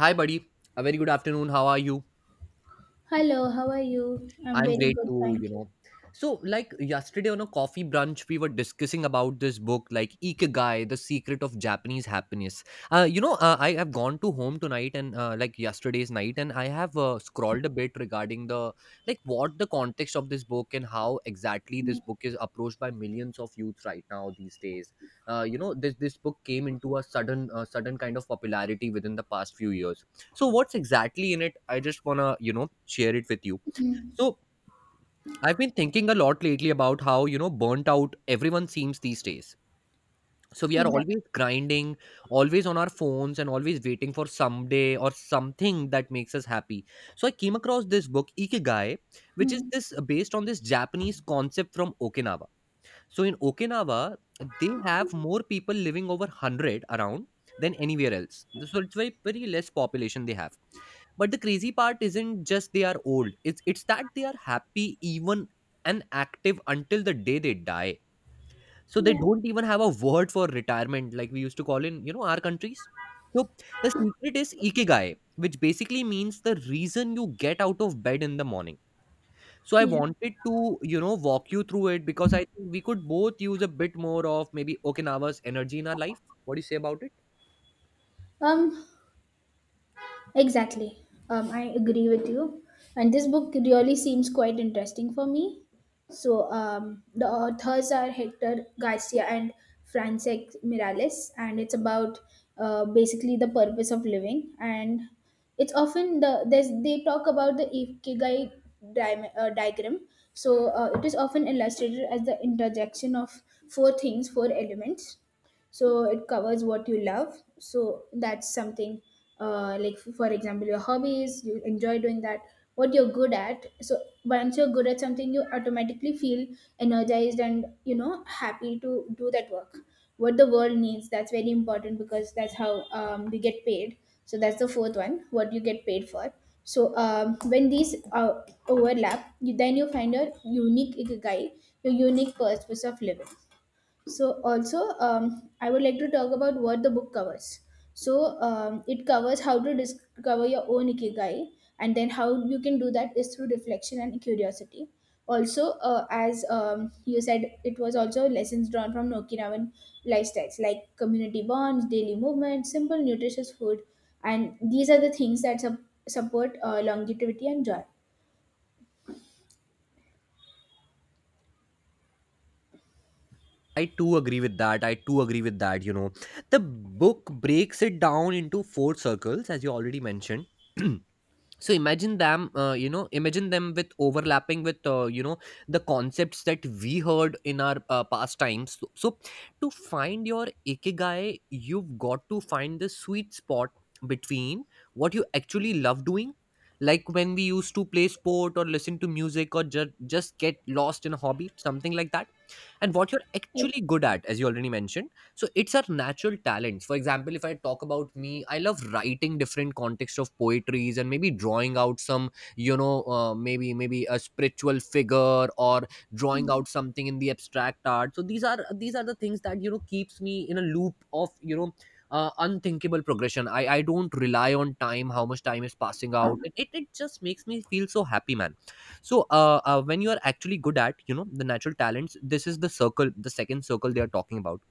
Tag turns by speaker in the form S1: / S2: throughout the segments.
S1: Hi, buddy. A very good afternoon. How are you?
S2: Hello, how are you? I'm
S1: I'm
S2: very
S1: great
S2: good,
S1: too, you
S2: thank you.
S1: know. So, like yesterday on a coffee brunch, we were discussing about this book, like Ikigai, The Secret of Japanese Happiness. I have gone to home tonight and like yesterday's night, and I have scrolled a bit regarding the like what the context of this book and how exactly this book is approached by millions of youth right now these days. This book came into a sudden sudden kind of popularity within the past few years. So, what's exactly in it? I just wanna you know share it with you.
S2: Mm,
S1: So I've been thinking a lot lately about how, you know, burnt out everyone seems these days. So we are
S2: exactly.
S1: always grinding, always on our phones, and always waiting for someday or something that makes us happy. So I came across this book, Ikigai, which is
S2: Mm,
S1: this based on this Japanese concept from Okinawa. So in Okinawa, they have more people living over 100 around than anywhere else. So it's very, very less population they have. But the crazy part isn't just they are old, it's that they are happy, even and active until the day they die. So they
S2: yeah.
S1: don't even have a word for retirement like we used to call in, you know, our countries. So the secret is ikigai, which basically means the reason you get out of bed in the morning. So I
S2: Yeah.
S1: wanted to, you know, walk you through it because I think we could both use a bit more of maybe Okinawa's energy in our life. What do you say about it?
S2: Um, Exactly. I agree with you. And this book really seems quite interesting for me. So the authors are Hector Garcia and Francesc Miralles, and it's about basically the purpose of living. And it's often they talk about the ikigai diagram. So it is often illustrated as the interjection of four things, four elements. So it covers what you love, so that's something like for example your hobbies you enjoy doing that. What you're good at, so once you're good at something you automatically feel energized and you know happy to do that work. What the world needs, that's very important because that's how we get paid. So that's the fourth one, what you get paid for. So when these overlap, you then you find your unique ikigai, your unique purpose of living. So also, I would like to talk about what the book covers. So it covers how to discover your own ikigai, and then how you can do that is through reflection and curiosity. Also, as you said, it was also lessons drawn from Okinawan lifestyles like community bonds, daily movement, simple nutritious food, and these are the things that support longevity and joy.
S1: I too agree with that. I too agree with that. You know, the book breaks it down into four circles, as you already mentioned. So imagine them, you know, imagine them with overlapping with, you know, the concepts that we heard in our past times. So, to find your ikigai, you've got to find the sweet spot between what you actually love doing, like when we used to play sport or listen to music or just get lost in a hobby, something like that. And what you're
S2: Yes,
S1: actually good at, as you already mentioned, so it's our natural talents. For example, if I talk about me, I love writing different context of poetries and maybe drawing out some, you know, maybe a spiritual figure or drawing out something in the abstract art. So these are the things that, you know, keeps me in a loop of, you know, unthinkable progression. I don't rely on time, how much time is passing out. It just makes me feel so happy, man. So when you are actually good at, you know, the natural talents, this is the circle, the second circle they are talking about.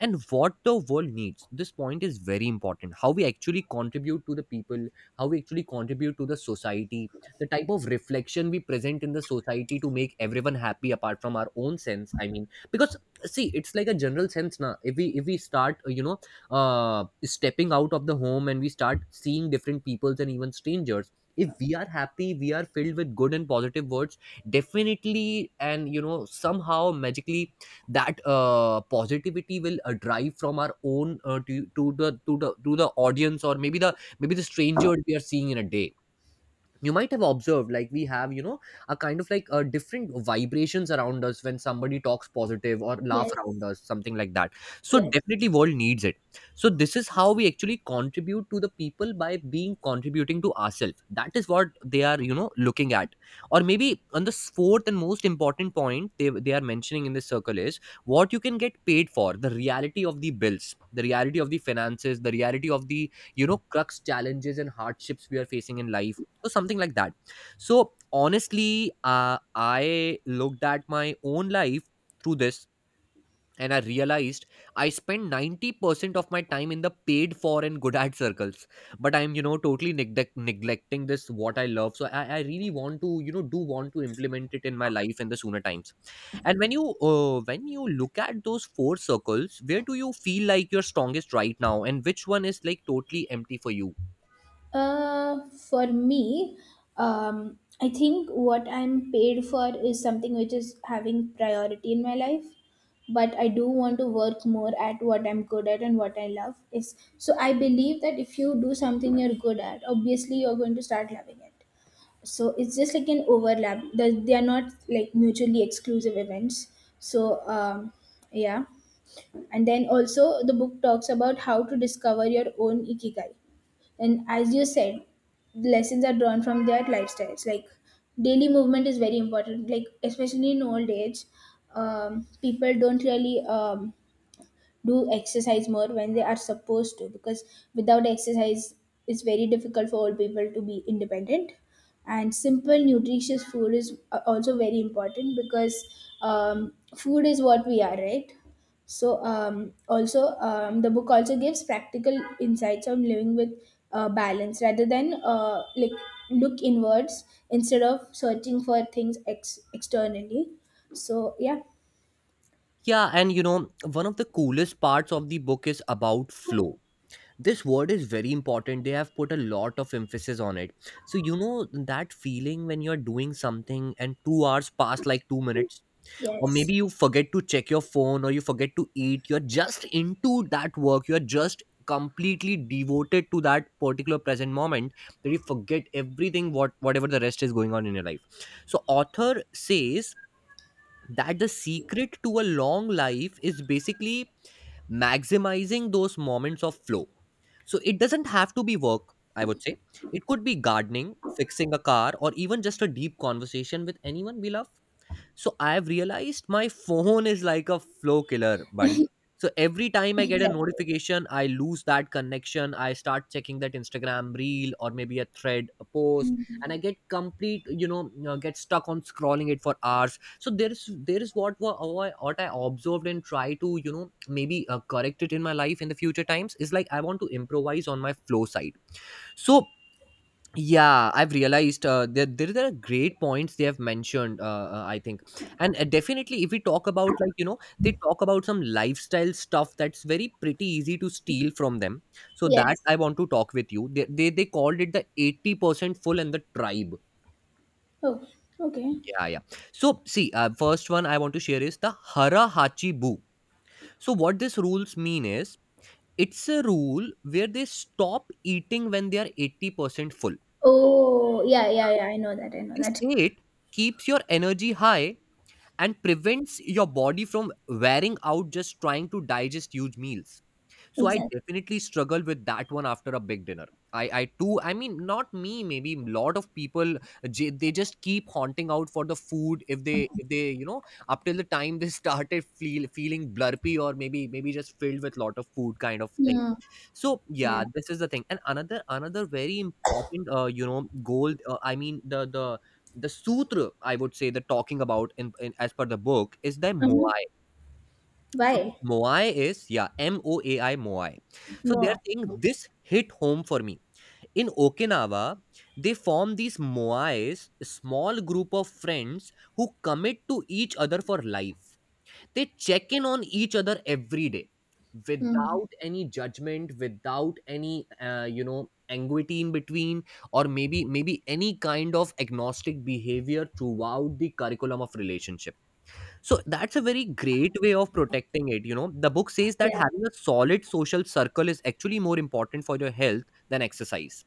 S1: And what the world needs, this point is very important. How we actually contribute to the people, how we actually contribute to the society, the type of reflection we present in the society to make everyone happy apart from our own sense, I mean, because see, it's like a general sense. Now if we start, you know, stepping out of the home and we start seeing different peoples and even strangers, if we are happy, we are filled with good and positive words, definitely. And you know, somehow magically that positivity will drive from our own, to the audience or maybe the, maybe the stranger we are seeing in a day. You might have observed like we have, you know, a kind of like a different vibrations around us when somebody talks positive or laugh
S2: yes.
S1: around us, something like that. So
S2: Yes.
S1: definitely world needs it. So this is how we actually contribute to the people by being contributing to ourselves, that is what they are, you know, looking at. Or maybe on the fourth and most important point they are mentioning in this circle is what you can get paid for, the reality of the bills, the reality of the finances, the reality of the, you know, crux challenges and hardships we are facing in life, so something like that. So honestly, I looked at my own life through this, and I realized I spend 90% of my time in the paid for and good at circles, but I'm, you know, totally neglecting this what I love. So I really want to, you know, do want to implement it in my life in the sooner times. And when you, when you look at those four circles, where do you feel like you're strongest right now and which one is like totally empty for you?
S2: Uh, for me, I think what I'm paid for is something which is having priority in my life. But I do want to work more at what I'm good at and what I love. Is, so I believe that if you do something you're good at, obviously you're going to start loving it. So it's just like an overlap. They are not like mutually exclusive events. So yeah, and then also the book talks about how to discover your own ikigai, and as you said, lessons are drawn from their lifestyles, like daily movement is very important, like especially in old age. People don't really do exercise more when they are supposed to, because without exercise it's very difficult for old people to be independent. And simple nutritious food is also very important because food is what we are, right? So also the book also gives practical insights on living with balance rather than like look inwards instead of searching for things externally. So yeah.
S1: Yeah, and you know, one of the coolest parts of the book is about flow. This word is very important. They have put a lot of emphasis on it. So, you know, that feeling when you're doing something and 2 hours pass like 2 minutes, or
S2: Yes.
S1: maybe you forget to check your phone or you forget to eat, you're just into that work. You're just completely devoted to that particular present moment that you forget everything what whatever the rest is going on in your life. So author says that the secret to a long life is basically maximizing those moments of flow. So it doesn't have to be work, I would say. It could be gardening, fixing a car, or even just a deep conversation with anyone we love. So I've realized my phone is like a flow killer, buddy. So every time I get a
S2: exactly.
S1: notification, I lose that connection. I start checking that Instagram reel or maybe a thread, a post, and I get complete, you know, get stuck on scrolling it for hours. So there's what I observed and try to, you know, maybe correct it in my life in the future times is like I want to improvise on my flow side. So yeah, I've realized, there are great points they have mentioned, I think. And definitely, if we talk about, like, you know, they talk about some lifestyle stuff that's very pretty easy to steal from them. So that
S2: Yes.
S1: I want to talk with you, they called it the 80% full and the tribe.
S2: Oh, okay.
S1: Yeah, yeah. So see, first one I want to share is the hara hachi bu. So what this rules mean is it's a rule where they stop eating when they are 80% full.
S2: Oh, yeah, yeah, yeah. I know that. I know
S1: This
S2: that.
S1: state keeps your energy high and prevents your body from wearing out just trying to digest huge meals. So I
S2: Exactly.
S1: definitely struggle with that one after a big dinner. I too, I mean, not me, maybe lot of people, they just keep haunting out for the food if they, you know, up till the time they started feeling blurpy or maybe just filled with lot of food kind of thing.
S2: Yeah.
S1: So yeah,
S2: Yeah.
S1: this is the thing. And another very important, you know, goal, I mean, the sutra, I would say, the talking about in as per the book is the
S2: Uh-huh.
S1: moai. So this
S2: Why?
S1: moai is, yeah, M O A I, moai. So they are
S2: More.
S1: saying this hit home for me. In Okinawa, they form these moais, a small group of friends who commit to each other for life. They check in on each other every day
S2: Mm-hmm.
S1: without any judgment, without any, you know, anxiety in between, or maybe any kind of agnostic behavior throughout the curriculum of relationship. So that's a very great way of protecting it. You know, the book says that
S2: Yeah.
S1: having a solid social circle is actually more important for your health than exercise.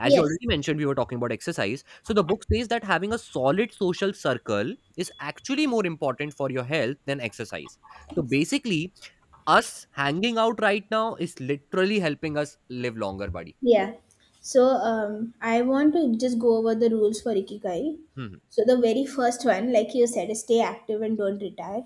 S1: As you
S2: Yes.
S1: already mentioned, we were talking about exercise. So the book says that having a solid social circle is actually more important for your health than exercise. So
S2: Exactly.
S1: basically, us hanging out right now is literally helping us live longer, buddy.
S2: Yeah. So I want to just go over the rules for Ikigai.
S1: Hmm.
S2: So the very first one, like you said, is stay active and don't retire.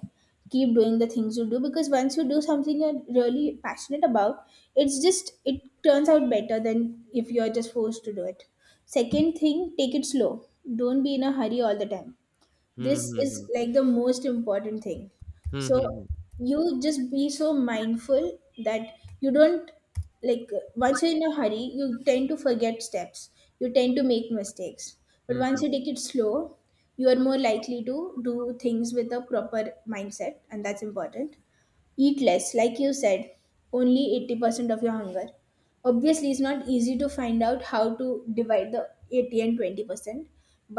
S2: Keep doing the things you do, because once you do something you're really passionate about, it's just it turns out better than if you're just forced to do it. Second thing, take it slow. Don't be in a hurry all the time.
S1: Hmm,
S2: This
S1: hmm,
S2: is
S1: hmm.
S2: like the most important thing.
S1: Hmm, hmm,
S2: So
S1: hmm.
S2: you just be so mindful that you don't, like, once you're in a hurry you tend to forget steps, you tend to make mistakes. But
S1: Hmm, hmm,
S2: once you take it slow, you are more likely to do things with a proper mindset, and that's important. Eat less, like you said, only 80% of your hunger. Obviously, it's not easy to find out how to divide the 80 and 20%,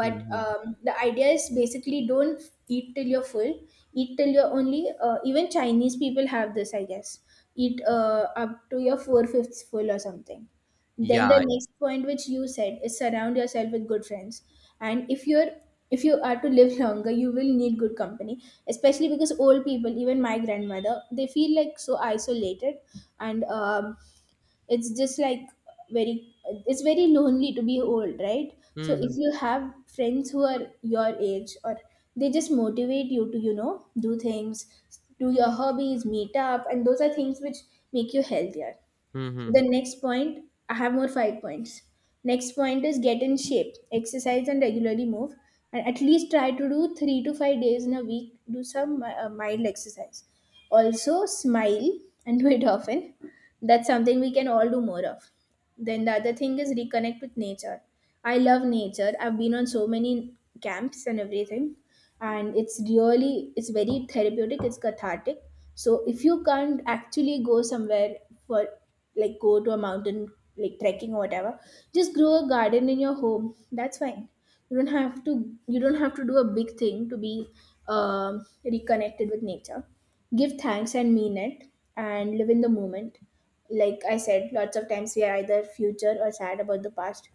S1: hmm, hmm.
S2: the idea is basically don't eat till you're full. Eat till you're only, even Chinese people have this, I guess, eat up to your four fifths full or something.
S1: Yeah,
S2: Then the
S1: yeah.
S2: next point which you said is surround yourself with good friends. And if you are to live longer, you will need good company, especially because old people, even my grandmother, they feel like so isolated. And it's just like very, it's very lonely to be old, right?
S1: Hmm,
S2: So
S1: hmm,
S2: if you have friends who are your age, or they just motivate you to you know do things, do your hobbies, meet up, and those are things which make you healthier.
S1: hmm,
S2: So,
S1: hmm, hmm.
S2: the next point, I have more five points. Next point is get in shape, exercise and regularly move, and at least try to do 3 to 5 days in a week. Do some mild exercise. Also, smile and do it often. That's something we can all do more of. Then the other thing is reconnect with nature. I love nature. I've been on so many camps and everything, and it's really, it's very therapeutic, it's cathartic. So if you can't actually go somewhere for, like, go to a mountain, like trekking or whatever, just grow a garden in your home, that's fine. You don't have to you don't have to do a big thing to be reconnected with nature. Give thanks and mean it, and live in the moment. Like I said, lots of times we are either future or sad about the past.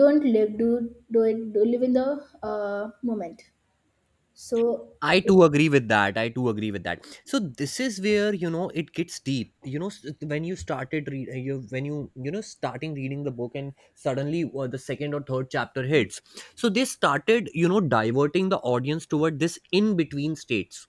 S2: Don't live, do, do it, do live in the moment. So,
S1: I too agree with that. I too agree with that. So this is where, you know, it gets deep. You know, when you started read, you when you know, starting reading the book and suddenly, the second or third chapter hits. So they started, you know, diverting the audience toward this in between states.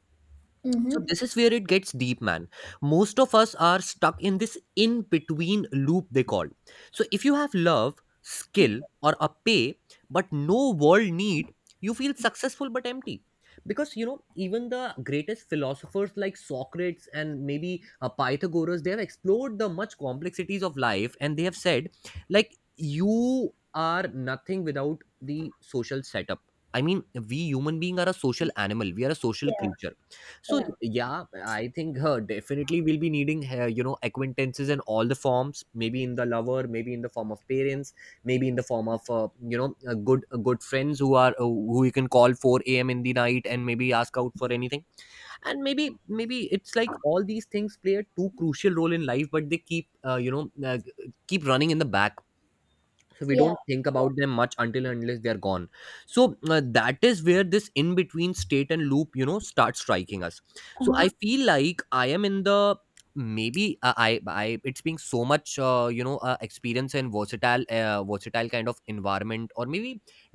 S1: So
S2: Mm-hmm.
S1: this is where it gets deep, man. Most of us are stuck in this in between loop they call. So if you have love, skill, or a pay, but no world need, you feel successful but empty. Because you know, even the greatest philosophers like Socrates and maybe Pythagoras, they have explored the much complexities of life, and they have said, like, you are nothing without the social setup. I mean, we human being are a social animal. We are a social
S2: Yeah,
S1: creature, so
S2: yeah.
S1: yeah, I think her definitely will be needing acquaintances in all the forms, maybe in the lover, maybe in the form of parents, maybe in the form of a good friends who are who you can call 4 a.m. in the night and maybe ask out for anything. And maybe it's like all these things play a too crucial role in life, but they keep keep running in the back, so we
S2: Yeah.
S1: don't think about them much until and unless they are gone. So that is where this in between state and loop you know starts striking us. So I
S2: Uh-huh.
S1: feel like I am in the, maybe I it's being so much experience and versatile kind of environment, or maybe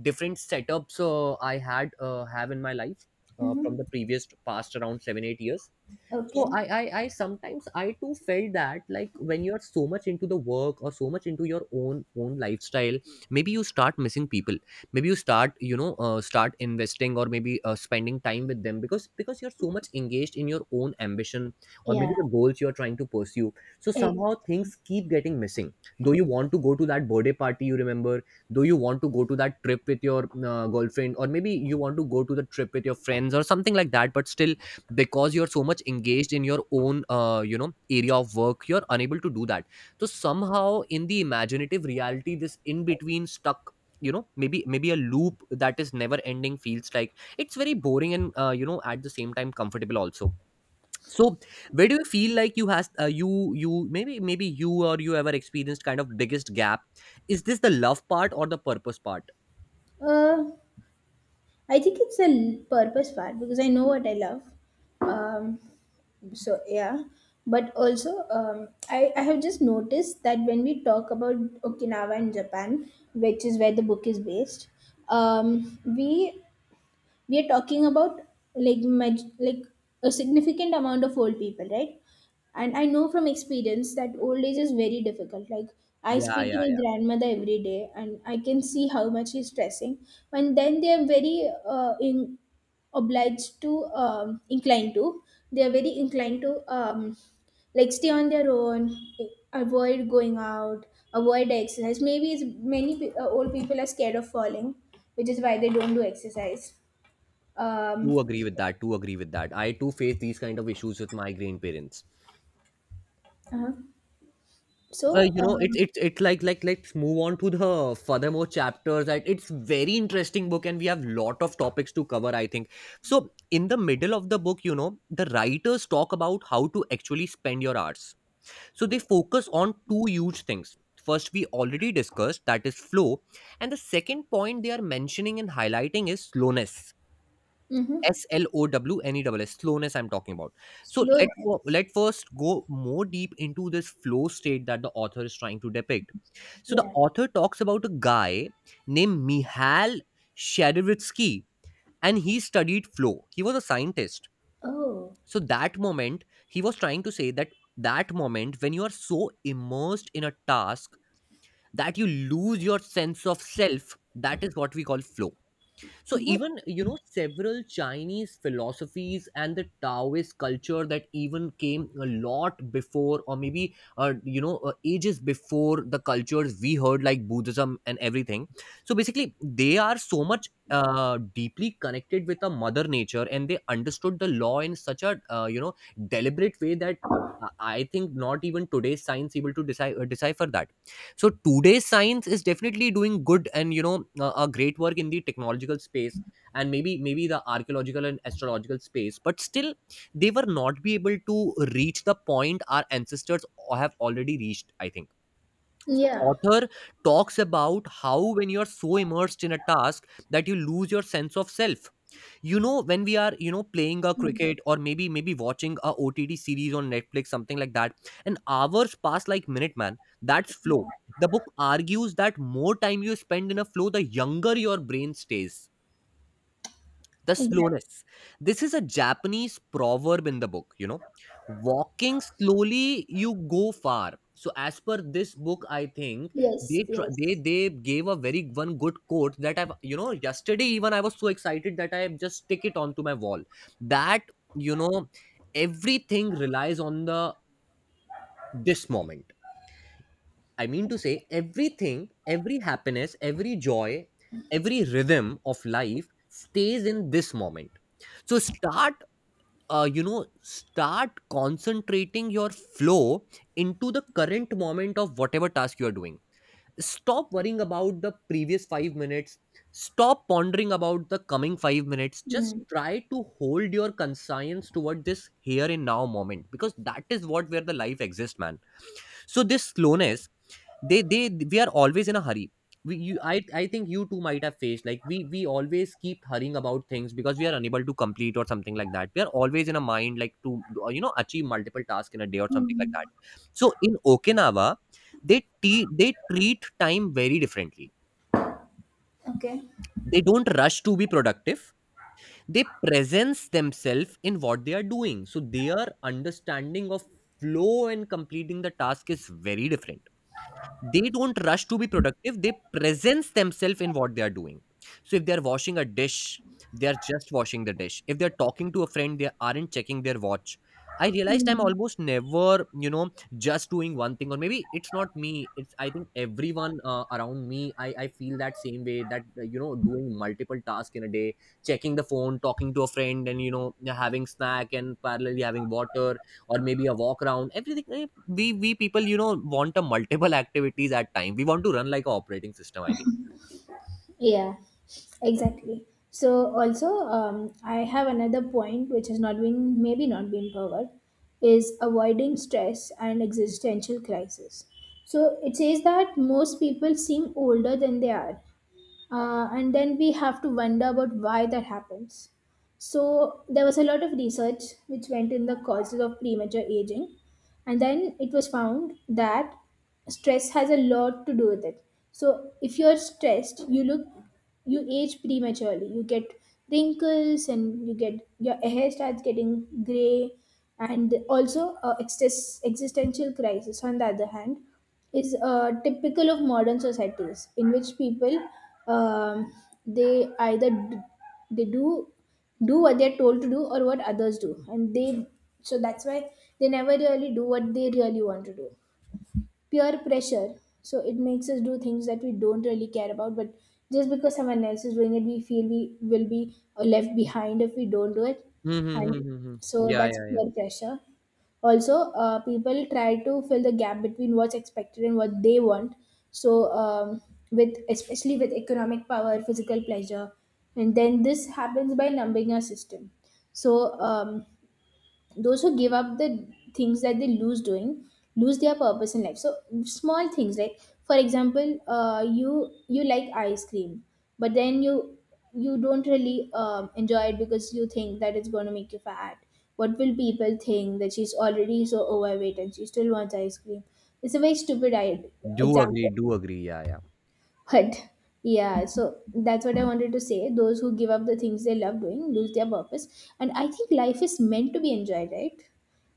S1: different setups I had have in my life from
S2: Mm-hmm.
S1: the previous past around 7 8 years. So
S2: Okay.
S1: I sometimes I too felt that, like, when you're so much into the work or so much into your own lifestyle, maybe you start missing people, maybe you start start investing or maybe spending time with them, because you're so much engaged in your own ambition, or
S2: Yeah.
S1: maybe the goals you're trying to pursue. So
S2: Ex-
S1: somehow things keep getting missing, though you want to go to that birthday party you remember, though you want to go to that trip with your girlfriend, or maybe you want to go to the trip with your friends or something like that, but still because you're so much engaged in your own area of work, you're unable to do that. So somehow in the imaginative reality, this in between stuck, you know, maybe a loop that is never ending feels like it's very boring and at the same time comfortable also. So where do you feel like you has you you maybe maybe you or you ever experienced kind of biggest gap? Is this the love part or the purpose part?
S2: Uh, I think it's a purpose part because I know what I love. Um, so yeah, but also I have just noticed that when we talk about Okinawa in Japan, which is where the book is based, um, we we are talking about like like a significant amount of old people, right? And I know from experience that old age is very difficult. Like, I
S1: Yeah,
S2: speak to
S1: yeah,
S2: my
S1: yeah.
S2: grandmother every day and I can see how much she's stressing. And then they are very in, obliged to inclined to, they are very inclined to um, like stay on their own, avoid going out, avoid exercise. Maybe it's many old people are scared of falling, which is why they don't do exercise. um,
S1: Do agree with that, do agree with that, I too face these kind of issues with my grandparents.
S2: Uh-huh.
S1: Well,
S2: So,
S1: you know, it's it's it's like let's move on to the furthermore chapters, and it's very interesting book and we have lot of topics to cover, I think. So in the middle of the book, you know, the writers talk about how to actually spend your hours. So they focus on two huge things. First, we already discussed, that is flow. And the second point they are mentioning and highlighting is slowness.
S2: Mm-hmm.
S1: S L O W N E S S, slowness I'm talking about. So let's go,
S2: Slowness.
S1: let first go more deep into this flow state that the author is trying to depict. So the
S2: Yeah.
S1: author talks about a guy named Mihail Shadivitsky, and he studied flow. He was a scientist.
S2: Oh.
S1: So that moment, he was trying to say that that moment when you are so immersed in a task that you lose your sense of self, that is what we call flow. So
S2: Mm-hmm.
S1: even you know several Chinese philosophies and the Taoist culture that even came a lot before, or maybe ages before the cultures we heard like Buddhism and everything. So basically, they are so much deeply connected with a mother nature, and they understood the law in such a deliberate way that. I think not even today's science able to decipher that. So today's science is definitely doing good and a great work in the technological space, and maybe the archaeological and astrological space, but still they were not be able to reach the point our ancestors have already reached, I think. So
S2: Yeah.
S1: author talks about how when you are so immersed in a task that you lose your sense of self, you know, when we are playing a
S2: Mm.
S1: cricket or maybe watching a OTT series on Netflix something like that, and hours pass like minute, man, that's flow.
S2: Yeah.
S1: The book argues that more time you spend in a flow, the younger your brain stays. The
S2: Exactly.
S1: slowness. This is a Japanese proverb in the book, you know. Walking slowly, you go far. So as per this book, I think they
S2: Yes.
S1: tr-
S2: Yes.
S1: they gave a very one good quote that I've you know yesterday even I was so excited that I just stick it onto my wall. That you know everything relies on the this moment. I mean to say everything, every happiness, every joy, every rhythm of life stays in this moment. So start start concentrating your flow into the current moment of whatever task you are doing. Stop worrying about the previous 5 minutes, stop pondering about the coming 5 minutes, just
S2: Mm.
S1: try to hold your conscience toward this here and now moment, because that is what where the life exists, man. So this slowness, they we are always in a hurry. We, you I think you too might have faced, like we always keep hurrying about things because we are unable to complete or something like that, we are always in a mind like to achieve multiple tasks in a day or something like
S2: Mm.
S1: that. So in Okinawa, they they treat time very differently.
S2: Okay.
S1: They don't rush to be productive. They presence themselves in what they are doing, so their understanding of flow and completing the task is very different. They don't rush to be productive, they presence themselves in what they are doing. So if they are washing a dish, they are just washing the dish. If they are talking to a friend, they aren't checking their watch. I realized I'm
S2: Mm.
S1: almost never you know just doing one thing, or maybe it's not me, it's I think everyone around me. I feel that same way that doing multiple tasks in a day, checking the phone, talking to a friend, and you know having snack and parallelly having water, or maybe a walk around everything, we people you know want a multiple activities at time. We want to run like a operating system, I think.
S2: Yeah. Exactly. So also, I have another point which has not been maybe not been covered, is avoiding stress and existential crisis. So it says that most people seem older than they are, and then we have to wonder about why that happens. So there was a lot of research which went in the causes of premature aging, and then it was found that stress has a lot to do with it. So if you're stressed you look, you age prematurely, you get wrinkles and you get, your hair starts getting gray. And also existential crisis, on the other hand, is typical of modern societies in which people um, they either they do what they're told to do or what others do, and they, so that's why they never really do what they really want to do. Peer pressure. So it makes us do things that we don't really care about, but just because someone else is doing it we feel we will be left behind if we don't do it.
S1: Hmm, hmm, hmm,
S2: And
S1: hmm, hmm.
S2: so
S1: Yeah,
S2: that's
S1: yeah, yeah.
S2: peer pressure. Also people try to fill the gap between what's expected and what they want. So with, especially with economic power, physical pleasure, and then this happens by numbing our system. So those who give up the things that they lose doing, lose their purpose in life. So, small things, like for example you like ice cream, but then you don't really enjoy it because you think that it's going to make you fat. What will people think, that she's already so overweight and she still wants ice cream? It's a very stupid
S1: Do agree,
S2: example.
S1: do agree. Yeah, yeah.
S2: But yeah, so that's what I wanted to say. Those who give up the things they love doing lose their purpose. And I think life is meant to be enjoyed, right?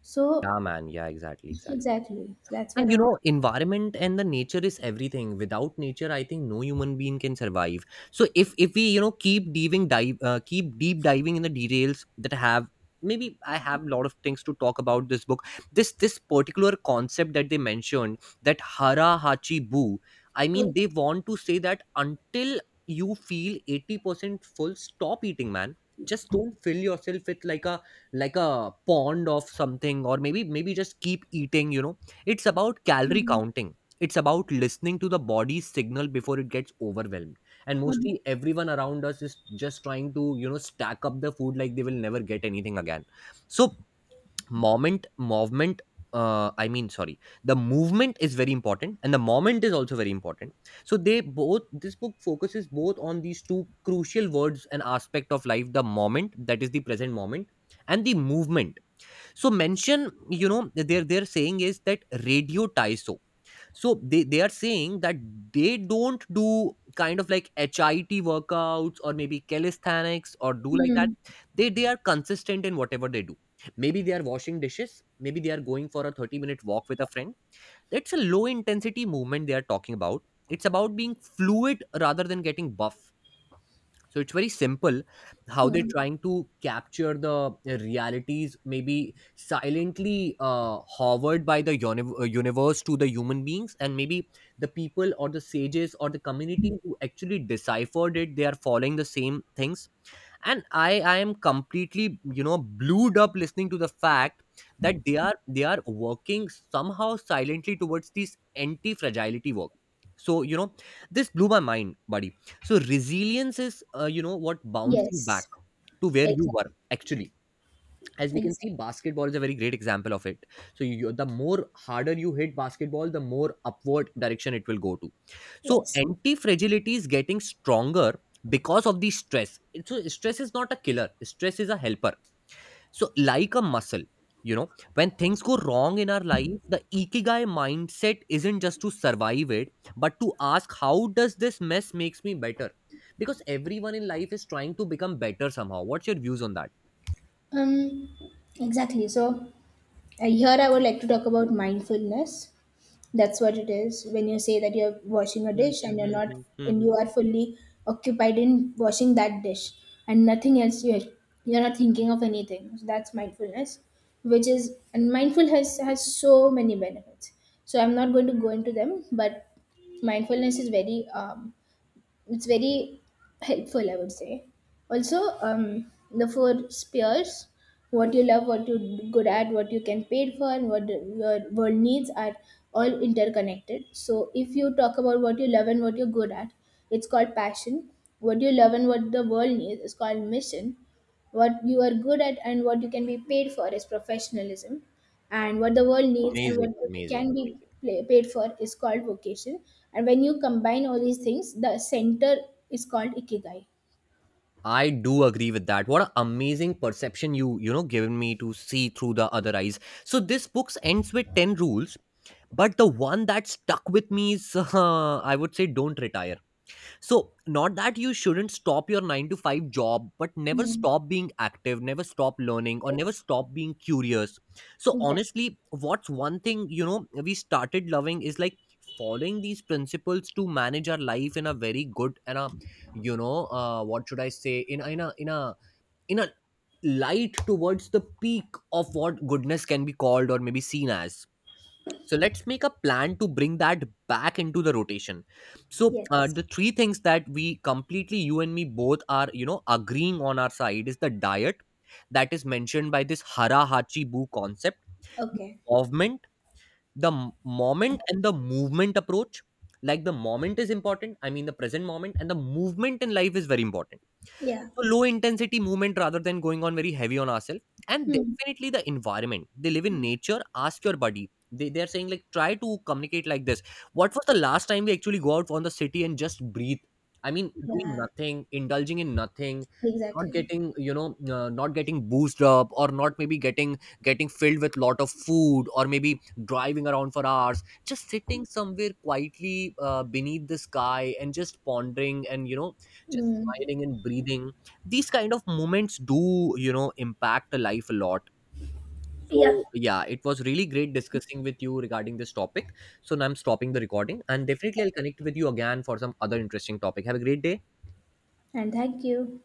S2: So
S1: Yeah, man, yeah, exactly, exactly.
S2: exactly, that's what
S1: And
S2: I
S1: you know,
S2: want.
S1: environment and the nature is everything. Without nature, I think no human being can survive. So if we you know keep deep diving in the details that have, maybe I have a lot of things to talk about this book. This particular concept that they mentioned, that hara hachi bu. I mean,
S2: Okay.
S1: they want to say that until you feel 80% full, stop eating, man. Just don't fill yourself with like a pond of something, or maybe just keep eating. You know, it's about calorie
S2: Mhm.
S1: counting. It's about listening to the body's signal before it gets overwhelmed. And
S2: Mhm.
S1: mostly everyone around us is just trying to, you know, stack up the food like they will never get anything again. So, moment, movement, I mean, sorry, the movement is very important and the moment is also very important. So, they both, this book focuses both on these two crucial words and aspect of life, the moment, that is the present moment, and the movement. So mention you know they're saying is that radio taiso. So they are saying that they don't do kind of like hit workouts or maybe calisthenics or do like that.
S2: Mhm.
S1: They are consistent in whatever they do. Maybe they are washing dishes, maybe they are going for a 30-minute walk with a friend. That's a low intensity movement they are talking about. It's about being fluid rather than getting buff. So it's very simple how they're
S2: Mhm.
S1: trying to capture the realities, maybe silently hovered by the universe to the human beings, and maybe the people or the sages or the community who actually deciphered it, they are following the same things. And I am completely you know blued up listening to the fact that they are working somehow silently towards this anti fragility work. So you know this blew my mind, buddy. So resilience is what, bouncing
S2: Yes,
S1: back to where you
S2: exactly,
S1: were actually. As we can
S2: exactly.
S1: see, basketball is a very great example of it. So you, the more harder you hit basketball, the more upward direction it will go to. So
S2: Yes.
S1: anti fragility is getting stronger because of the stress. So stress is not a killer, stress is a helper. So like a muscle, you know, when things go wrong in our life, the ikigai mindset isn't just to survive it, but to ask, how does this mess makes me better? Because everyone in life is trying to become better somehow. What's your views on that?
S2: Um, exactly. So here I would like to talk about mindfulness. That's what it is. When you say that you're washing a
S1: Hmm,
S2: dish and you're
S1: hmm,
S2: not,
S1: hmm, hmm,
S2: and
S1: hmm.
S2: you are fully occupied in washing that dish and nothing else, you're not thinking of anything. So that's mindfulness, which is, and mindful has so many benefits. So I'm not going to go into them, but mindfulness is very it's very helpful, I would say. Also the four spheres, what you love, what you're good at, what you can pay for, and what your world needs, are all interconnected. So if you talk about what you love and what you're good at, it's called passion. What you love and what the world needs is called mission. What you are good at and what you can be paid for is professionalism. And what the world needs and
S1: Amazing,
S2: what you
S1: amazing,
S2: can be
S1: amazing.
S2: pla paid for is called vocation. And when you combine all these things, the center is called ikigai.
S1: I do agree with that. What an amazing perception you, you know, given me, to see through the other eyes. So this book ends with 10 rules, but the one that stuck with me is, I would say, don't retire. So, not that you shouldn't stop your 9 to 5 job, but never
S2: Hmm.
S1: stop being active, never stop learning, or never
S2: Yes.
S1: stop being curious. So,
S2: Exactly.
S1: honestly, what's one thing, you know, we started loving is like following these principles to manage our life in a very good and a, you know, what should I say, in, in a, in a, in a light towards the peak of what goodness can be called or maybe seen as. So let's make a plan to bring that back into the rotation. So
S2: Yes.
S1: the three things that we completely you and me both are you know agreeing on our side is the diet, that is mentioned by this Hara Hachi Bu concept,
S2: Okay.
S1: movement, the moment and the movement approach. Like the moment is important. I mean the present moment, and the movement in life is very important.
S2: Yeah.
S1: So low intensity movement rather than going on very heavy on ourselves. And
S2: Hmm.
S1: definitely the environment. They live in nature. Ask your buddy. They are saying like try to communicate like this. What was the last time we actually go out on the city and just breathe? I mean, doing
S2: Yeah.
S1: nothing, indulging in nothing, not
S2: Exactly.
S1: getting you know, not getting boosted up, or not maybe getting filled with lot of food, or maybe driving around for hours. Just sitting somewhere quietly beneath the sky and just pondering and you know, just
S2: Mm.
S1: smiling and breathing. These kind of moments do you know impact the life a lot.
S2: Yeah.
S1: So yeah, it was really great discussing with you regarding this topic. So now I'm stopping the recording and definitely I'll connect with you again for some other interesting topic. Have a great day.
S2: And thank you.